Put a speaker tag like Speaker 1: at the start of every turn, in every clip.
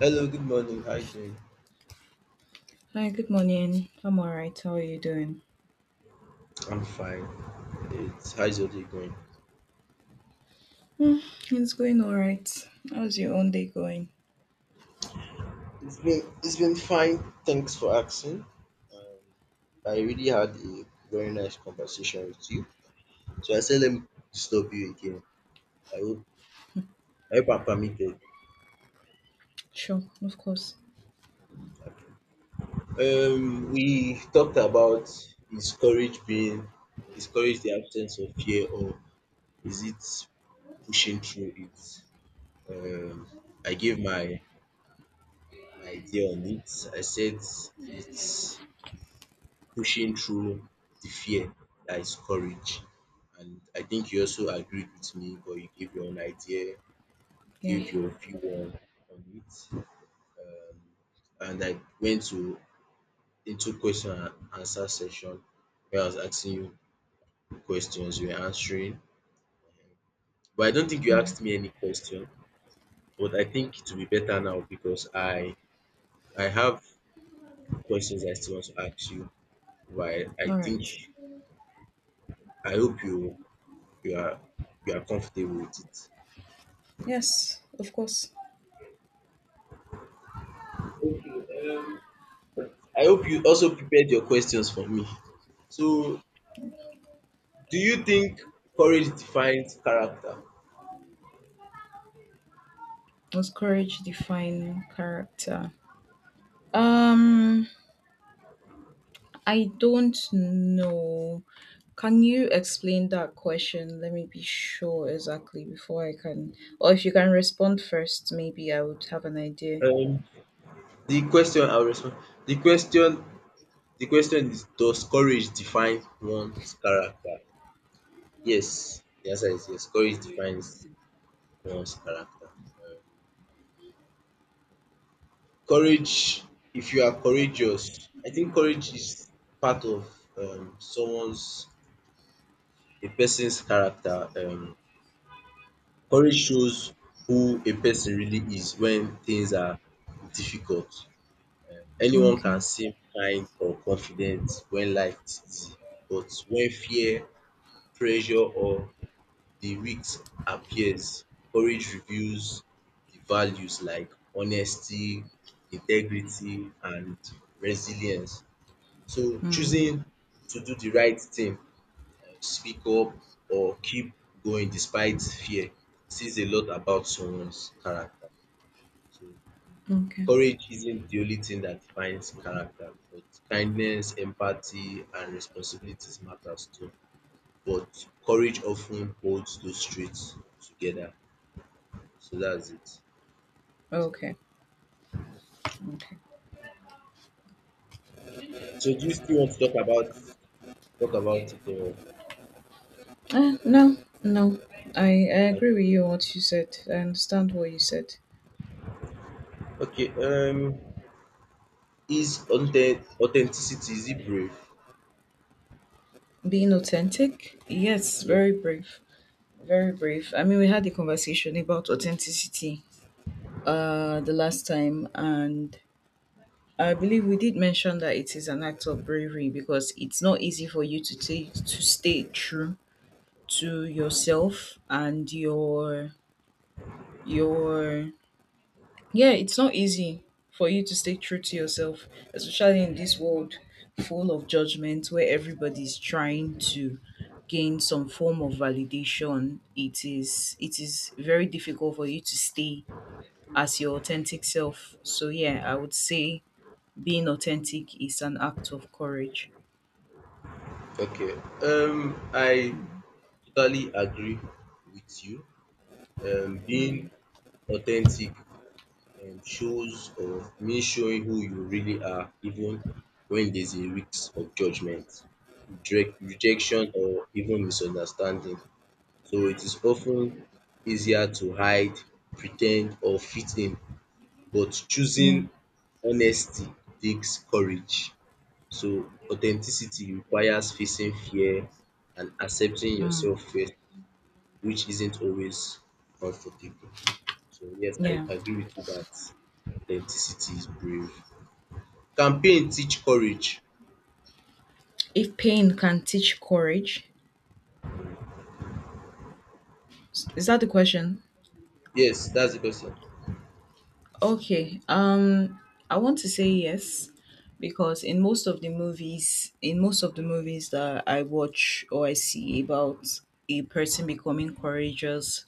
Speaker 1: Hello, good morning. How you doing?
Speaker 2: Hi, good morning. I'm alright. How are you doing?
Speaker 1: I'm fine. It's How's your day going?
Speaker 2: Hmm, it's going alright. How's your own day going?
Speaker 1: It's been fine. Thanks for asking. Um, I really had a very nice conversation with you. So I said let me disturb you again. I hope I hope I'm permitted.
Speaker 2: Sure, of course.
Speaker 1: We talked about is courage being is courage the absence of fear or is it pushing through it? Um, I gave my idea on it. I said it's pushing through the fear that is courage. And I think you also agreed with me, but you gave your own idea, you
Speaker 2: Yeah,
Speaker 1: gave your view on it. Um, and I went to into question and answer session where I was asking you questions, you were answering. But I don't think you
Speaker 2: yeah.
Speaker 1: asked me any question. But I think it will be better now because I have questions I still want to ask you. But I think
Speaker 2: Alright.
Speaker 1: I hope you are you are comfortable with it.
Speaker 2: Yes, of course.
Speaker 1: Um, I hope you also prepared your questions for me. So, do you think courage defines character?
Speaker 2: Does courage define character? Um, I don't know. Can you explain that question? Let me be sure exactly before I can, or if you can respond first, maybe I would have an idea.
Speaker 1: Um, the question I'll respond. The question, the question is: Does courage define one's character? Yes. The answer is yes. Courage defines one's character. Um, Courage, if you are courageous, I think courage is part of someone's a person's character. Courage shows who a person really is when things are difficult. Anyone can
Speaker 2: Okay.
Speaker 1: seem kind or confident when life is easy, but when fear, pressure or the risk appears, courage reveals the values like honesty, integrity and resilience. So
Speaker 2: Hmm.
Speaker 1: choosing to do the right thing, speak up or keep going despite fear says a lot about someone's character. So
Speaker 2: Okay.
Speaker 1: courage isn't the only thing that defines character, but kindness, empathy, and responsibilities matters too. But courage often holds those traits together. So that's it. So,
Speaker 2: Okay. Okay.
Speaker 1: so do you still want to talk about it or
Speaker 2: No, no. I
Speaker 1: like
Speaker 2: agree with you on what you said. I understand what you said.
Speaker 1: okay, is authenticity, is it brave?
Speaker 2: Being authentic, yes,
Speaker 1: Yes.
Speaker 2: very brief, very brief. I mean, we had a conversation about authenticity the last time, and I believe we did mention that it is an act of bravery because it's not easy for you to take to stay true to yourself and your. Yeah, it's not easy for you to stay true to yourself, especially in this world full of judgment where everybody's trying to gain some form of validation. It is very difficult for you to stay as your authentic self. So yeah, I would say being authentic is an act of courage.
Speaker 1: Okay. I totally agree with you. Being authentic shows or means showing who you really are, even when there's a risk of judgment, rejection, or even misunderstanding. So it is often easier to hide, pretend, or fit in, but
Speaker 2: Yeah.
Speaker 1: choosing honesty takes courage. So authenticity requires facing fear and accepting
Speaker 2: Mm,
Speaker 1: yourself first, which isn't always comfortable. So yes, I
Speaker 2: yeah.
Speaker 1: agree with you that authenticity is brave. Can pain teach courage?
Speaker 2: If pain can teach courage, is that the question?
Speaker 1: Yes, that's the question.
Speaker 2: Okay. I want to say yes because in most of the movies, in most of the movies that I watch or I see about a person becoming courageous,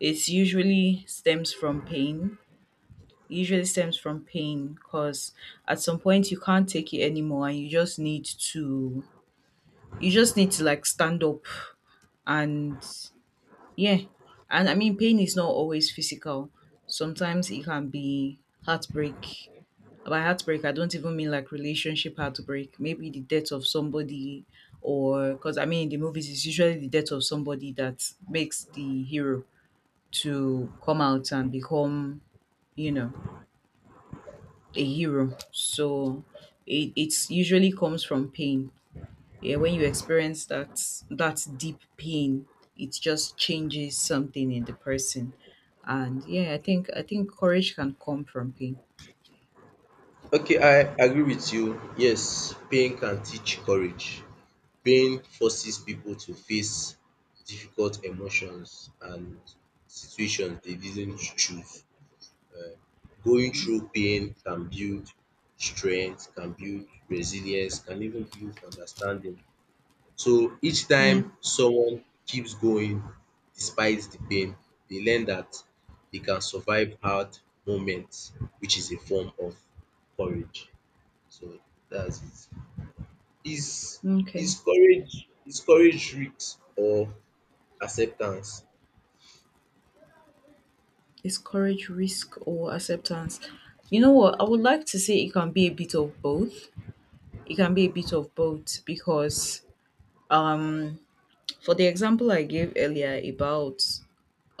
Speaker 2: it usually stems from pain. It usually stems from pain because at some point you can't take it anymore and to you just need to like stand up and yeah. And I mean pain is not always physical. Sometimes it can be heartbreak. By heartbreak, I don't even mean like relationship heartbreak, maybe the death of somebody. Or because I mean in the movies it's usually the death of somebody that makes the hero to come out and become, you know, a hero. So it's usually comes from pain. Yeah, when you experience that that deep pain, it just changes something in the person. And yeah, I think courage can come from pain.
Speaker 1: Okay, I agree with you. Yes, pain can teach courage. Pain forces people to face difficult emotions and situations they didn't choose. Going
Speaker 2: Mm.
Speaker 1: through pain can build strength, can build resilience, can even build understanding. So each
Speaker 2: Yeah.
Speaker 1: time someone keeps going despite the pain, they learn that they can survive hard moments, which is a form of courage. So that's it. Is
Speaker 2: Okay.
Speaker 1: is courage risk or acceptance?
Speaker 2: Is courage risk or acceptance? You know what? I would like to say it can be a bit of both. It can be a bit of both because um for the example I gave earlier about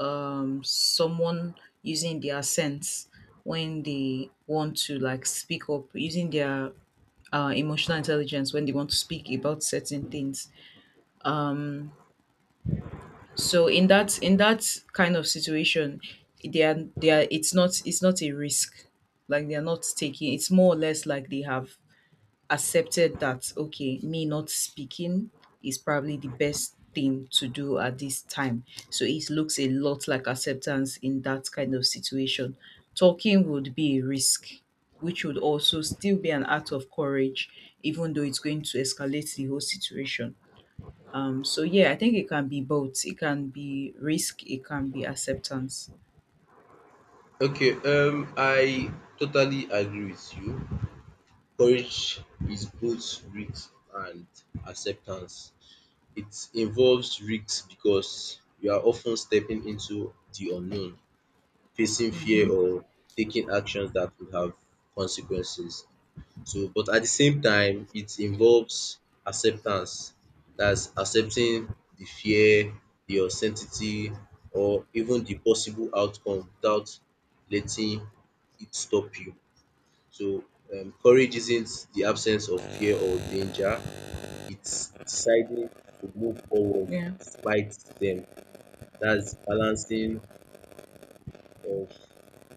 Speaker 2: someone using their sense when they want to like speak up using their emotional intelligence when they want to speak about certain things. Um So in that kind of situation, they are, it's not a risk. Like they are not taking, it's more or less like they have accepted that okay, me not speaking is probably the best thing to do at this time. So it looks a lot like acceptance in that kind of situation. Talking would be a risk, which would also still be an act of courage, even though it's going to escalate the whole situation. So yeah, I think it can be both. It can be risk. It can be acceptance.
Speaker 1: Okay, I totally agree with you. Courage is both risk and acceptance. It involves risks because you are often stepping into the unknown, facing
Speaker 2: Mm-hmm.
Speaker 1: fear or taking actions that would have consequences. So, but at the same time, it involves acceptance. That's accepting the fear, the uncertainty, or even the possible outcome without letting it stop you. So, courage isn't the absence of fear or danger, it's deciding to move forward
Speaker 2: Yeah.
Speaker 1: despite them. That's balancing of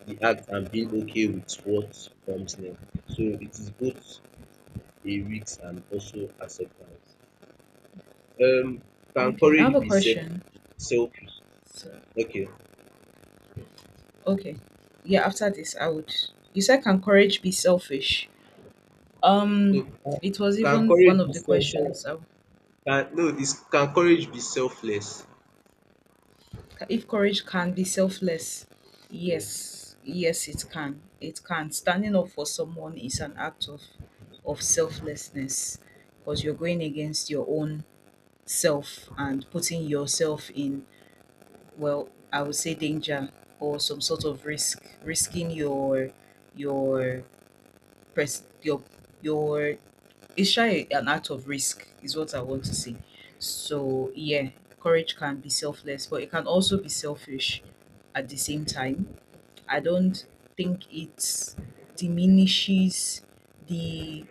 Speaker 1: the act and being okay with what comes next. So it is both a risk and also acceptance. Um, can
Speaker 2: Okay. I have
Speaker 1: courage
Speaker 2: a
Speaker 1: be
Speaker 2: question.
Speaker 1: selfish?
Speaker 2: So,
Speaker 1: Okay.
Speaker 2: okay. Yeah. After this, I would. You said can courage be selfish? Um,
Speaker 1: No,
Speaker 2: it was
Speaker 1: can
Speaker 2: even one
Speaker 1: courage
Speaker 2: of
Speaker 1: be
Speaker 2: the
Speaker 1: self self?
Speaker 2: questions. So,
Speaker 1: Can no, is can courage be selfless?
Speaker 2: if courage can be selfless, yes,
Speaker 1: Yes.
Speaker 2: yes, it can. It can. Standing up for someone is an act of selflessness because you're going against your own self and putting yourself in, well I would say danger or some sort of risk, risking your pres your, it's shy an act of risk is what I want to say. So yeah, courage can be selfless but it can also be selfish at the same time. I don't think it diminishes the,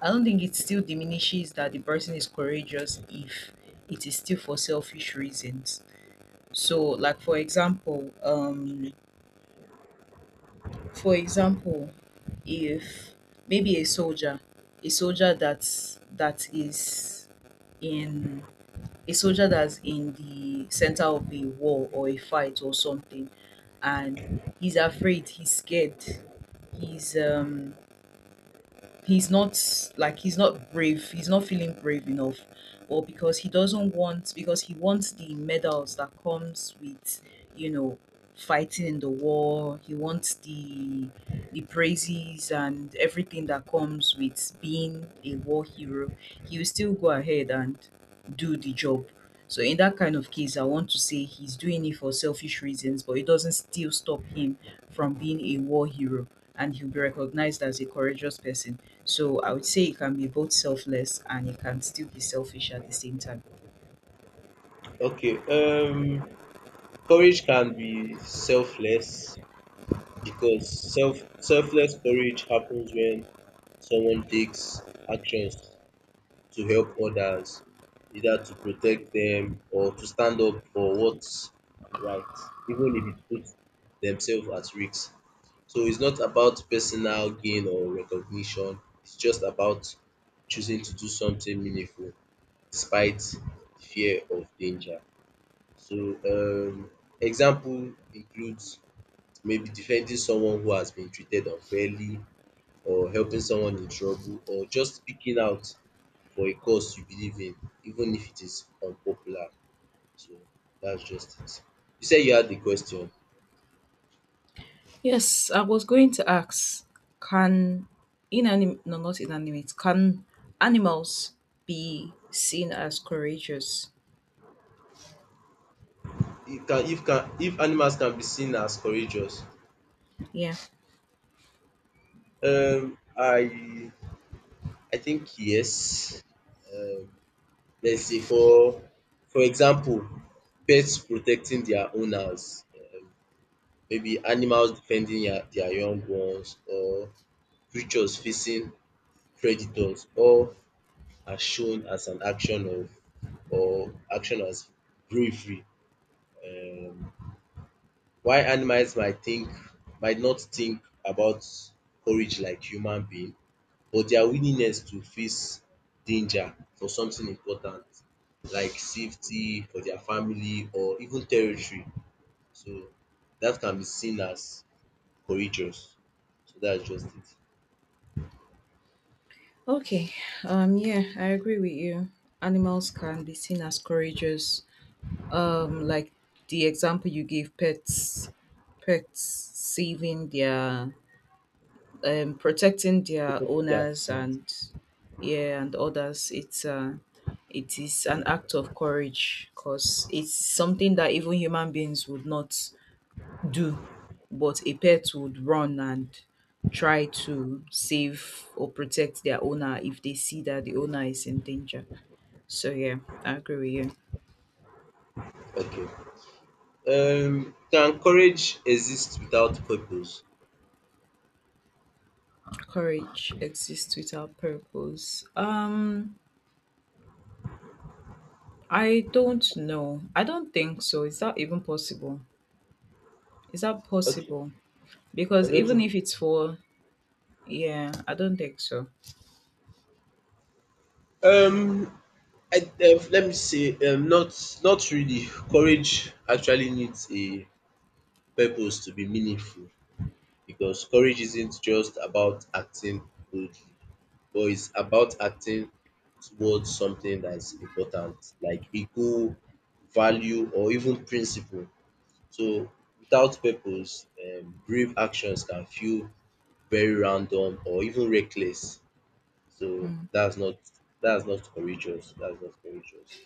Speaker 2: I don't think it still diminishes that the person is courageous if it is still for selfish reasons. So, like for example, if maybe a soldier that's that is in, a soldier that's in the center of a war or a fight or something, and he's afraid, he's scared, he's um he's not like he's not brave, he's not feeling brave enough. Or because he doesn't want, because he wants the medals that comes with, you know, fighting in the war, he wants the praises and everything that comes with being a war hero, he will still go ahead and do the job. So in that kind of case I want to say he's doing it for selfish reasons but it doesn't still stop him from being a war hero, and he'll be recognized as a courageous person. So I would say it can be both selfless and it can still be selfish at the same time.
Speaker 1: Okay. Courage can be selfless because selfless courage happens when someone takes actions to help others, either to protect them or to stand up for what's right, even if it puts themselves at risk. So it's not about personal gain or recognition, it's just about choosing to do something meaningful despite the fear of danger. So example includes maybe defending someone who has been treated unfairly or helping someone in trouble or just speaking out for a cause you believe in even if it is unpopular. So that's just it. You said you had the question.
Speaker 2: Yes, I was going to ask, can inanimate, no, not inanimate, can animals be seen as courageous?
Speaker 1: If animals can be seen as courageous?
Speaker 2: Yeah.
Speaker 1: Um I I think yes. Um let's say for example pets protecting their owners, maybe animals defending their young ones or creatures facing predators, all are shown as an action of or action as bravery. um while animals might not think about courage like human being, but their willingness to face danger for something important like safety for their family or even territory, so that can be seen as courageous. So that's just it.
Speaker 2: Okay. Yeah, I agree with you. Animals can be seen as courageous. Like the example you gave, pets saving their, protecting their owners and yeah and others. It is an act of courage because it's something that even human beings would not do, but a pet would run and try to save or protect their owner if they see that the owner is in danger. So yeah, I agree with you.
Speaker 1: Okay. Can courage exist without purpose?
Speaker 2: Courage exists without purpose, I don't know, I don't think so. Is that even possible? Is that
Speaker 1: Okay,
Speaker 2: possible?
Speaker 1: I
Speaker 2: Because
Speaker 1: don't
Speaker 2: even
Speaker 1: think.
Speaker 2: if it's for, yeah, I don't think so.
Speaker 1: Um, let me say, not not really. Courage actually needs a purpose to be meaningful because courage isn't just about acting boldly, but it's about acting towards something that's important, like a goal, value, or even principle. So, without purpose, brave actions can feel very random or even reckless. So
Speaker 2: Mm.
Speaker 1: that's not That's not courageous.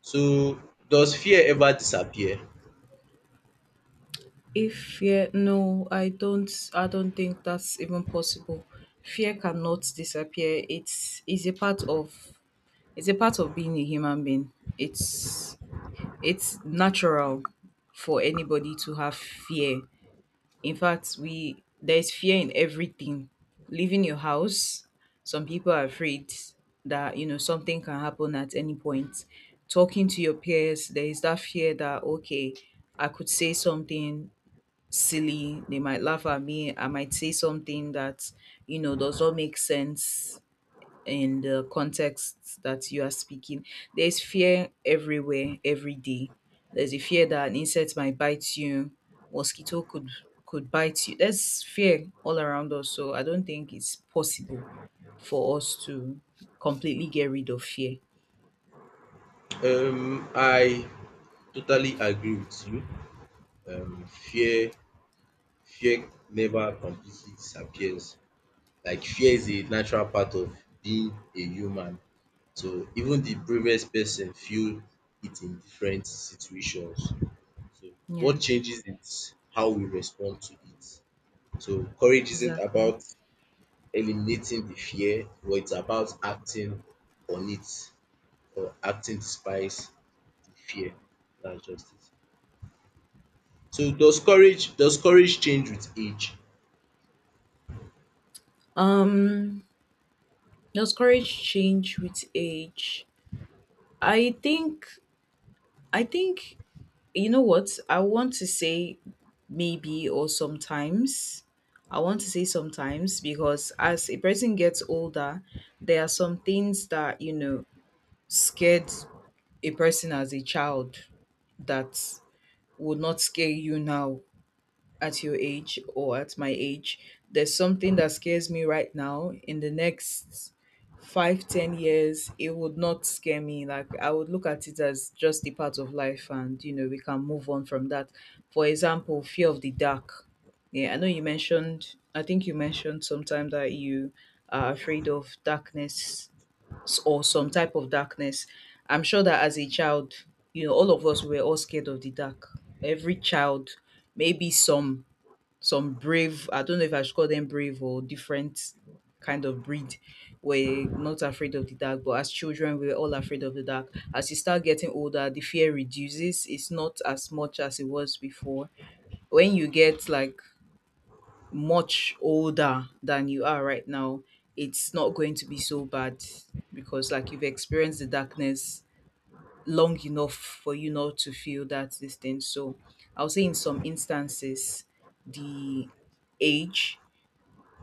Speaker 1: So does fear ever disappear?
Speaker 2: If fear, no, I don't. I don't think that's even possible. Fear cannot disappear. It's a part of, it's a part of being a human being. It's it's natural for anybody to have fear. In fact, we, there's fear in everything. Leaving your house, some people are afraid that you know something can happen at any point. Talking to your peers, there is that fear that okay, I could say something silly, they might laugh at me, I might say something that, you know, does not make sense in the context that you are speaking. There's fear everywhere, every day. There's a fear that an insect might bite you, mosquito could bite you. There's fear all around us. So I don't think it's possible for us to completely get rid of fear.
Speaker 1: I totally agree with you. Um fear fear never completely disappears. Like fear is a natural part of being a human. So even the bravest person feel it in different situations. So
Speaker 2: Yeah,
Speaker 1: what changes is how we respond to it. So courage isn't
Speaker 2: exactly.
Speaker 1: about eliminating the fear, but it's about acting on it or acting despite the fear. That's just it. So does courage change with age?
Speaker 2: Um, does courage change with age? I think I think, you know what? I want to say maybe or sometimes. I want to say sometimes because as a person gets older, there are some things that, you know, scared a person as a child that would not scare you now at your age or at my age. There's something that scares me right now, in the next 5 to 10 years it would not scare me. Like I would look at it as just a part of life and you know we can move on from that. For example, fear of the dark. Yeah, I know you mentioned, I think you mentioned sometime that you are afraid of darkness, or some type of darkness. I'm sure that as a child, you know, all of us were all scared of the dark. Every child, maybe some brave, I don't know if I should call them brave or different kind of breed, were not afraid of the dark. But as children we were all afraid of the dark. As you start getting older the fear reduces, it's not as much as it was before. When you get like much older than you are right now, it's not going to be so bad because like you've experienced the darkness long enough for you not to feel that this thing. So I'll say in some instances the age,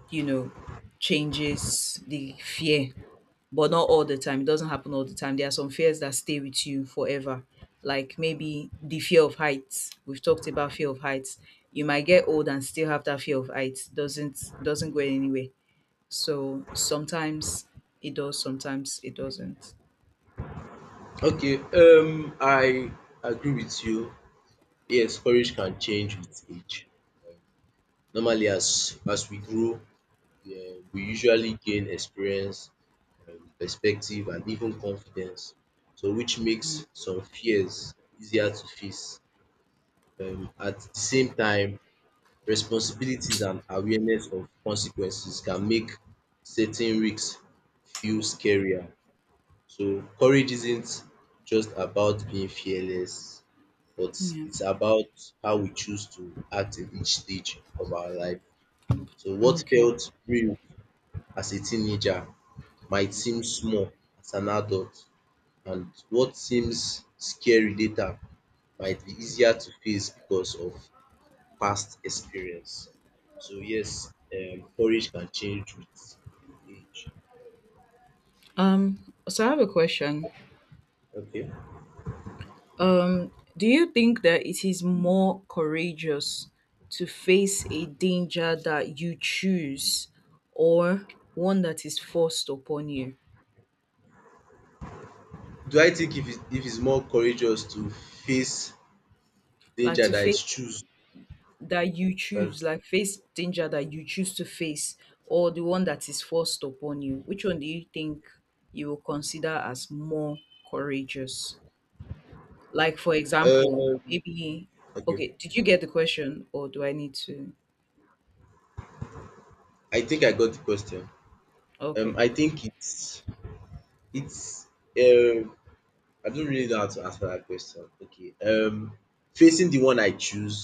Speaker 2: you know, changes the fear, but not all the time. It doesn't happen all the time. There are some fears that stay with you forever, like maybe the fear of heights. We've talked about fear of heights. You might get old and still have that fear of heights. Doesn't go anywhere. So sometimes it does, sometimes it doesn't.
Speaker 1: Okay, I agree with you. Yes, courage can change with age. Normally as we grow, we usually gain experience, perspective and even confidence. So which
Speaker 2: Mm,
Speaker 1: makes some fears easier to face. At the same time, responsibilities and awareness of consequences can make certain risks feel scarier. So courage isn't just about being fearless, but
Speaker 2: yeah.
Speaker 1: it's about how we choose to act in each stage of our life. So what
Speaker 2: Okay.
Speaker 1: felt real as a teenager might seem small as an adult, and what seems scary later might be easier to face because of past experience. So yes, courage can change with age.
Speaker 2: So I have a question.
Speaker 1: Okay.
Speaker 2: Do you think that it is more courageous to face a danger that you choose or one that is forced upon you?
Speaker 1: Do I think if it's more courageous to face
Speaker 2: Like
Speaker 1: danger
Speaker 2: to
Speaker 1: than
Speaker 2: face
Speaker 1: is choose
Speaker 2: that you
Speaker 1: that
Speaker 2: choose, like face danger that you choose to face, or the one that is forced upon you? Which one do you think you will consider as more courageous? Like, for example,
Speaker 1: um
Speaker 2: maybe,
Speaker 1: okay.
Speaker 2: okay, did you get the question or do I need to?
Speaker 1: I think I got the question.
Speaker 2: Okay.
Speaker 1: I think it's um I don't really know how to answer that question. Okay. Facing the one I choose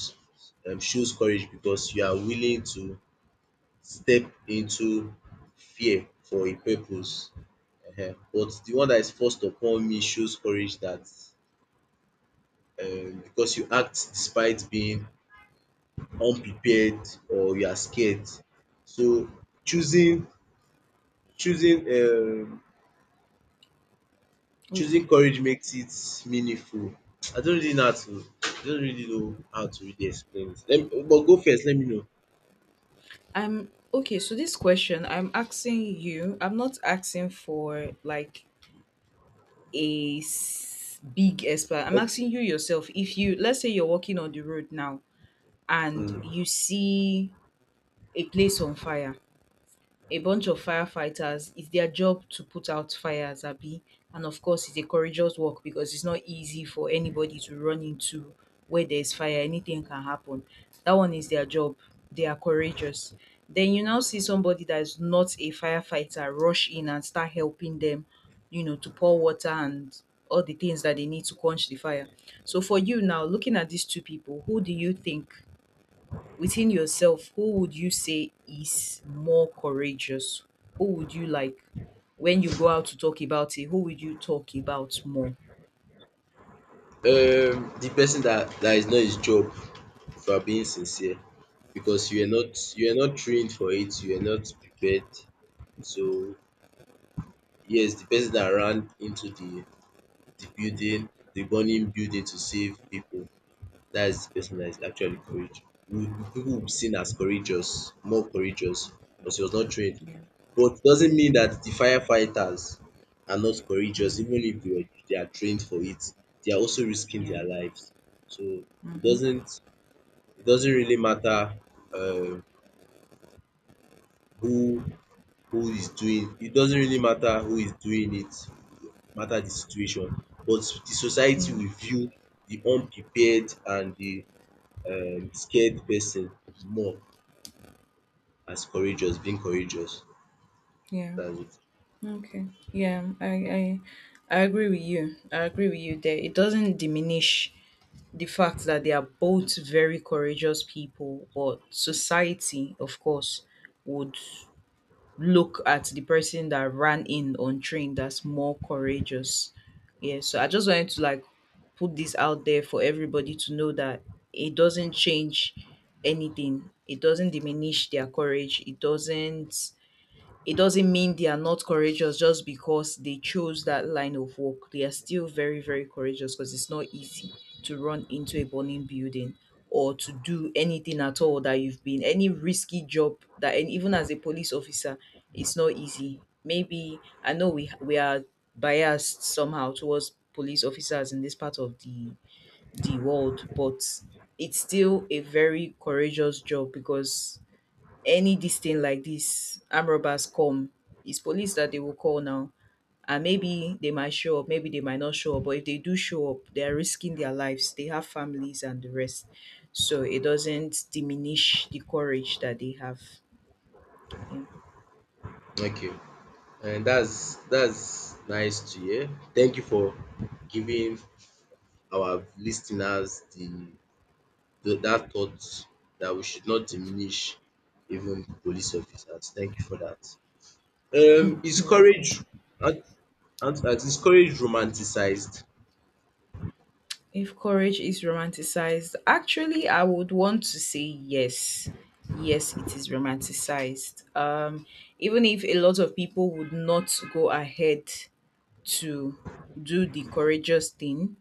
Speaker 1: shows courage because you are willing to step into fear for a purpose. Ehen. But the one that is forced upon me shows courage that because you act despite being unprepared or you are scared. So choosing choosing um choosing courage makes it meaningful. I don't really know how to really explain it. Let me but go first, let me know.
Speaker 2: I'm okay. So this question I'm asking you, I'm not asking for like a big explanation. I'm
Speaker 1: Okay.
Speaker 2: asking you yourself. If you, let's say you're walking on the road now and
Speaker 1: Hmm.
Speaker 2: you see a place on fire, a bunch of firefighters. It's their job to put out fires, Abi. And of course, it's a courageous work because it's not easy for anybody to run into where there's fire. Anything can happen. That one is their job. They are courageous. Then you now see somebody that is not a firefighter rush in and start helping them, to pour water and all the things that they need to quench the fire. So for you now, looking at these two people, who do you think within yourself, who would you say is more courageous? Who would you like when you go out to talk about it? Who would you talk about more?
Speaker 1: The person that that is not his job, if you are being sincere, because you are not trained for it, you are not prepared. So yes, the person that ran into the building, the burning building to save people, that is the person that is actually courage. We- People will be seen as courageous, more courageous, because he was not trained.
Speaker 2: Yeah.
Speaker 1: But doesn't mean that the firefighters are not courageous,
Speaker 2: Mm,
Speaker 1: even if they are trained for it. They are also risking
Speaker 2: yeah.
Speaker 1: their lives. So it
Speaker 2: Mm-hmm.
Speaker 1: doesn't really matter uh, who who is doing it, doesn't really matter who is doing it, matter the situation, but the society
Speaker 2: Yeah.
Speaker 1: will view the unprepared and the scared person more as courageous, being courageous
Speaker 2: Yeah.
Speaker 1: than it.
Speaker 2: Okay. Yeah. I agree with you. I agree with you there. It doesn't diminish the fact that they are both very courageous people, but society, of course, would look at the person that ran in untrained that's more courageous. Yeah, so I just wanted to like put this out there for everybody to know that it doesn't change anything. It doesn't diminish their courage. It doesn't mean they are not courageous just because they chose that line of work. They are still very, very courageous because it's not easy to run into a burning building or to do anything at all that you've been any risky job that and even as a police officer, it's not easy. Maybe I know we are biased somehow towards police officers in this part of the world, but it's still a very courageous job because any this thing like this armed robbers come, it's police that they will call now. And maybe they might show up, maybe they might not show up, but if they do show up, they are risking their lives. They have families and the rest. So it doesn't diminish the courage that they have. Yeah.
Speaker 1: Okay, and that's nice to hear. Thank you for giving our listeners the that thought that we should not diminish even police officers. Thank you for that. Um is
Speaker 2: You're welcome.
Speaker 1: courage and. Is courage romanticized?
Speaker 2: If courage is romanticized, actually I would want to say yes. Yes, it is romanticized. Even if a lot of people would not go ahead to do the courageous thing,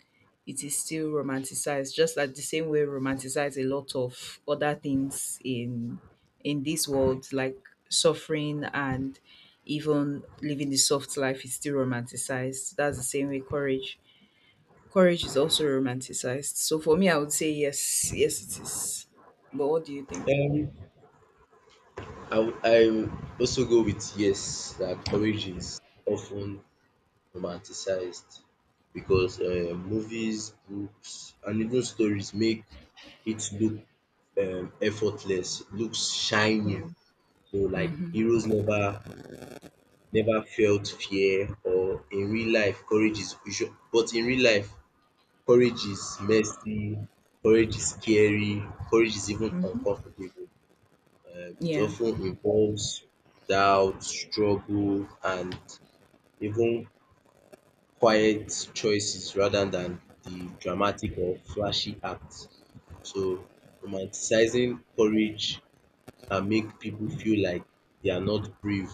Speaker 2: it is still romanticized, just like the same way romanticize a lot of other things in this world, like suffering and even living the soft life is still romanticized. That's the same way courage. Courage is also romanticized. So for me, I would say yes, yes, it is. But what do you think?
Speaker 1: Um, I would also go with yes, that courage is often romanticized because movies, books, and even stories make it look effortless, looks shiny.
Speaker 2: Yeah.
Speaker 1: So like
Speaker 2: Mm-hmm.
Speaker 1: heroes never felt fear, or in real life, courage is usual. But in real life, courage is messy, courage is scary, courage is even
Speaker 2: Mm-hmm.
Speaker 1: uncomfortable. It
Speaker 2: Yeah.
Speaker 1: often involves doubt, struggle, and even quiet choices rather than the dramatic or flashy acts. So, romanticizing courage can make people feel like they are not brave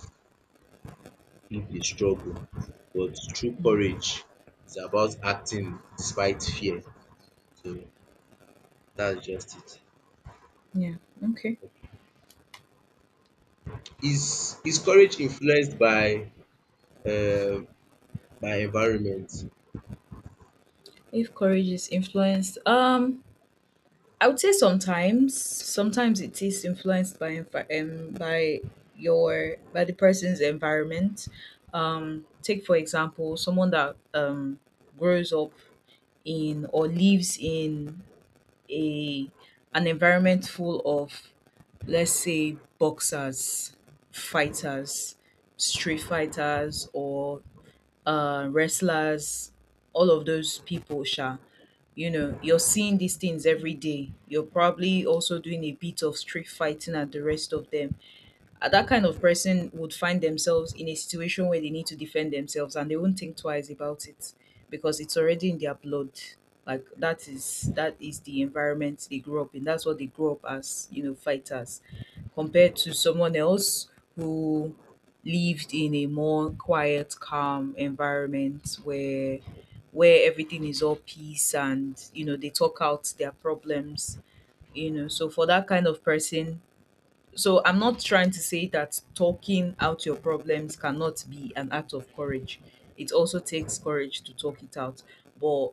Speaker 1: if they struggle. But true courage is about acting despite fear. So, that's just it.
Speaker 2: Yeah. Okay.
Speaker 1: Is courage influenced um by environment?
Speaker 2: If courage is influenced, I would say sometimes it is influenced by by your by the person's environment. Take for example, someone that grows up in or lives in a an environment full of let's say boxers, fighters, street fighters, or wrestlers. All of those people, sha you're seeing these things every day. You're probably also doing a bit of street fighting at the rest of them. That kind of person would find themselves in a situation where they need to defend themselves and they won't think twice about it because it's already in their blood. Like, that is the environment they grew up in. That's what they grew up as, fighters. Compared to someone else who lived in a more quiet, calm environment where everything is all peace and they talk out their problems. So for that kind of person, so I'm not trying to say that talking out your problems cannot be an act of courage. It also takes courage to talk it out. But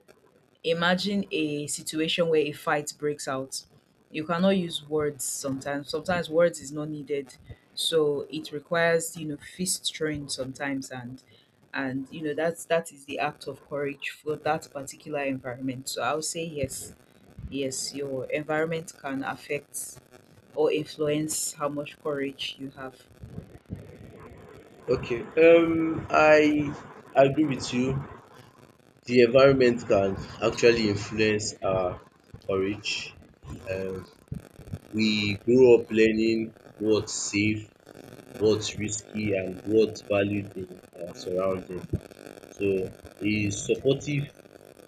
Speaker 2: imagine a situation where a fight breaks out. You cannot use words sometimes. Sometimes words is not needed. So it requires, fist throwing sometimes and that is the act of courage for that particular environment. So I'll say yes. Yes, your environment can affect or influence how much courage you have.
Speaker 1: Okay, I agree with you. The environment can actually influence our courage. Um, we grow up learning what's safe, what's risky, and what's valued in our surrounding. So, a supportive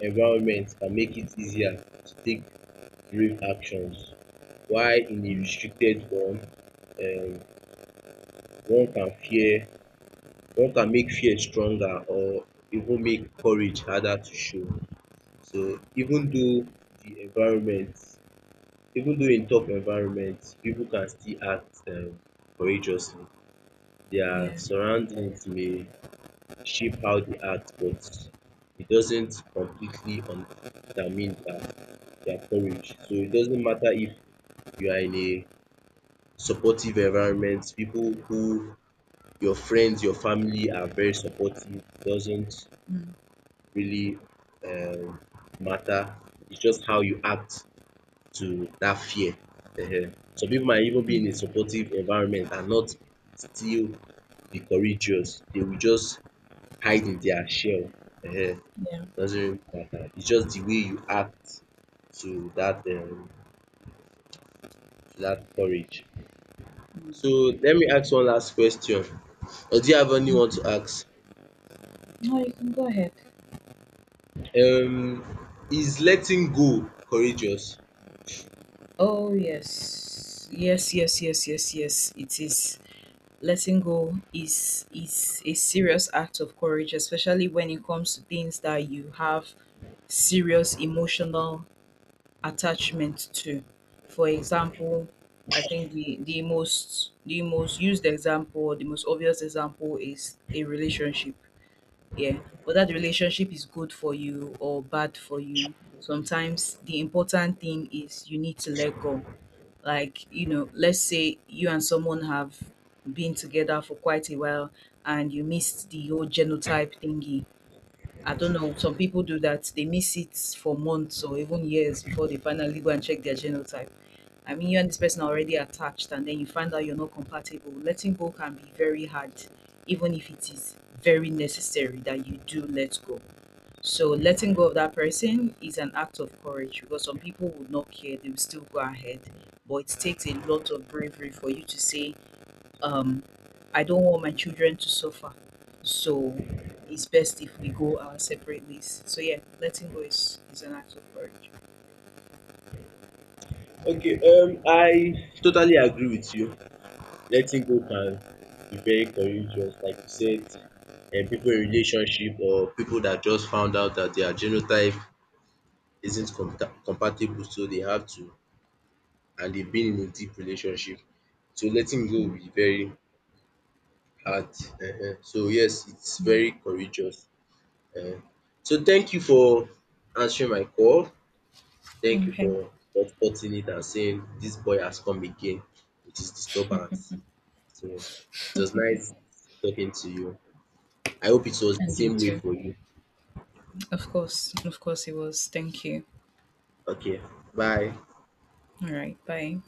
Speaker 1: environment can make it easier to take brave actions, while in a
Speaker 2: Mm,
Speaker 1: restricted one, um, one can fear one can make fear stronger or even make courage harder to show. So even though the environment, even though in tough environment, people can still act courageously. Their
Speaker 2: yeah,
Speaker 1: surroundings may shape how they act, but it doesn't completely determine their courage. So it doesn't matter if you are in a supportive environment, people who your friends, your family are very supportive, doesn't
Speaker 2: mm,
Speaker 1: really um, matter. It's just how you act to that fear. Ehen. Some people might even be in a
Speaker 2: yeah,
Speaker 1: supportive environment and not still be courageous. They will just hide in their shell. Ehen.
Speaker 2: yeah.
Speaker 1: Doesn't really matter. It's just the way you act to that um, to that courage. So let me ask one last question. Or do you have anyone to ask?
Speaker 2: No, you can go ahead.
Speaker 1: Um, is letting go courageous?
Speaker 2: Oh, yes. Yes, yes, yes, yes, yes. It is. Letting go is a serious act of courage, especially when it comes to things that you have serious emotional attachment to. For example, I think the most used example, the most obvious example is a relationship. Yeah. Whether the relationship is good for you or bad for you, sometimes the important thing is you need to let go. Like, let's say you and someone have been together for quite a while and you missed the whole genotype thingy. I don't know, some people do that, they miss it for months or even years before they finally go and check their genotype. I mean, you and this person are already attached, and then you find out you're not compatible. Letting go can be very hard, even if it is very necessary that you do let go. So, letting go of that person is an act of courage because some people would not care, they will still go ahead. But it takes a lot of bravery for you to say, um, I don't want my children to suffer. So, it's best if we go our separate ways. So, yeah, letting go is an act of courage.
Speaker 1: Okay, I totally agree with you. Letting go can be very courageous, like you said. People in relationship or people that just found out that their genotype isn't compatible, so they have to, and they've been in a deep relationship. So letting go will be very hard. So yes, it's very courageous. uh So thank you for answering my call. Thank you
Speaker 2: Okay.
Speaker 1: for supporting it and saying this boy has come again with his disturbance. So it was nice talking to you. I hope it was the
Speaker 2: And you
Speaker 1: same way
Speaker 2: too.
Speaker 1: for you.
Speaker 2: Of course it was. Thank you.
Speaker 1: Okay, bye.
Speaker 2: All right, bye.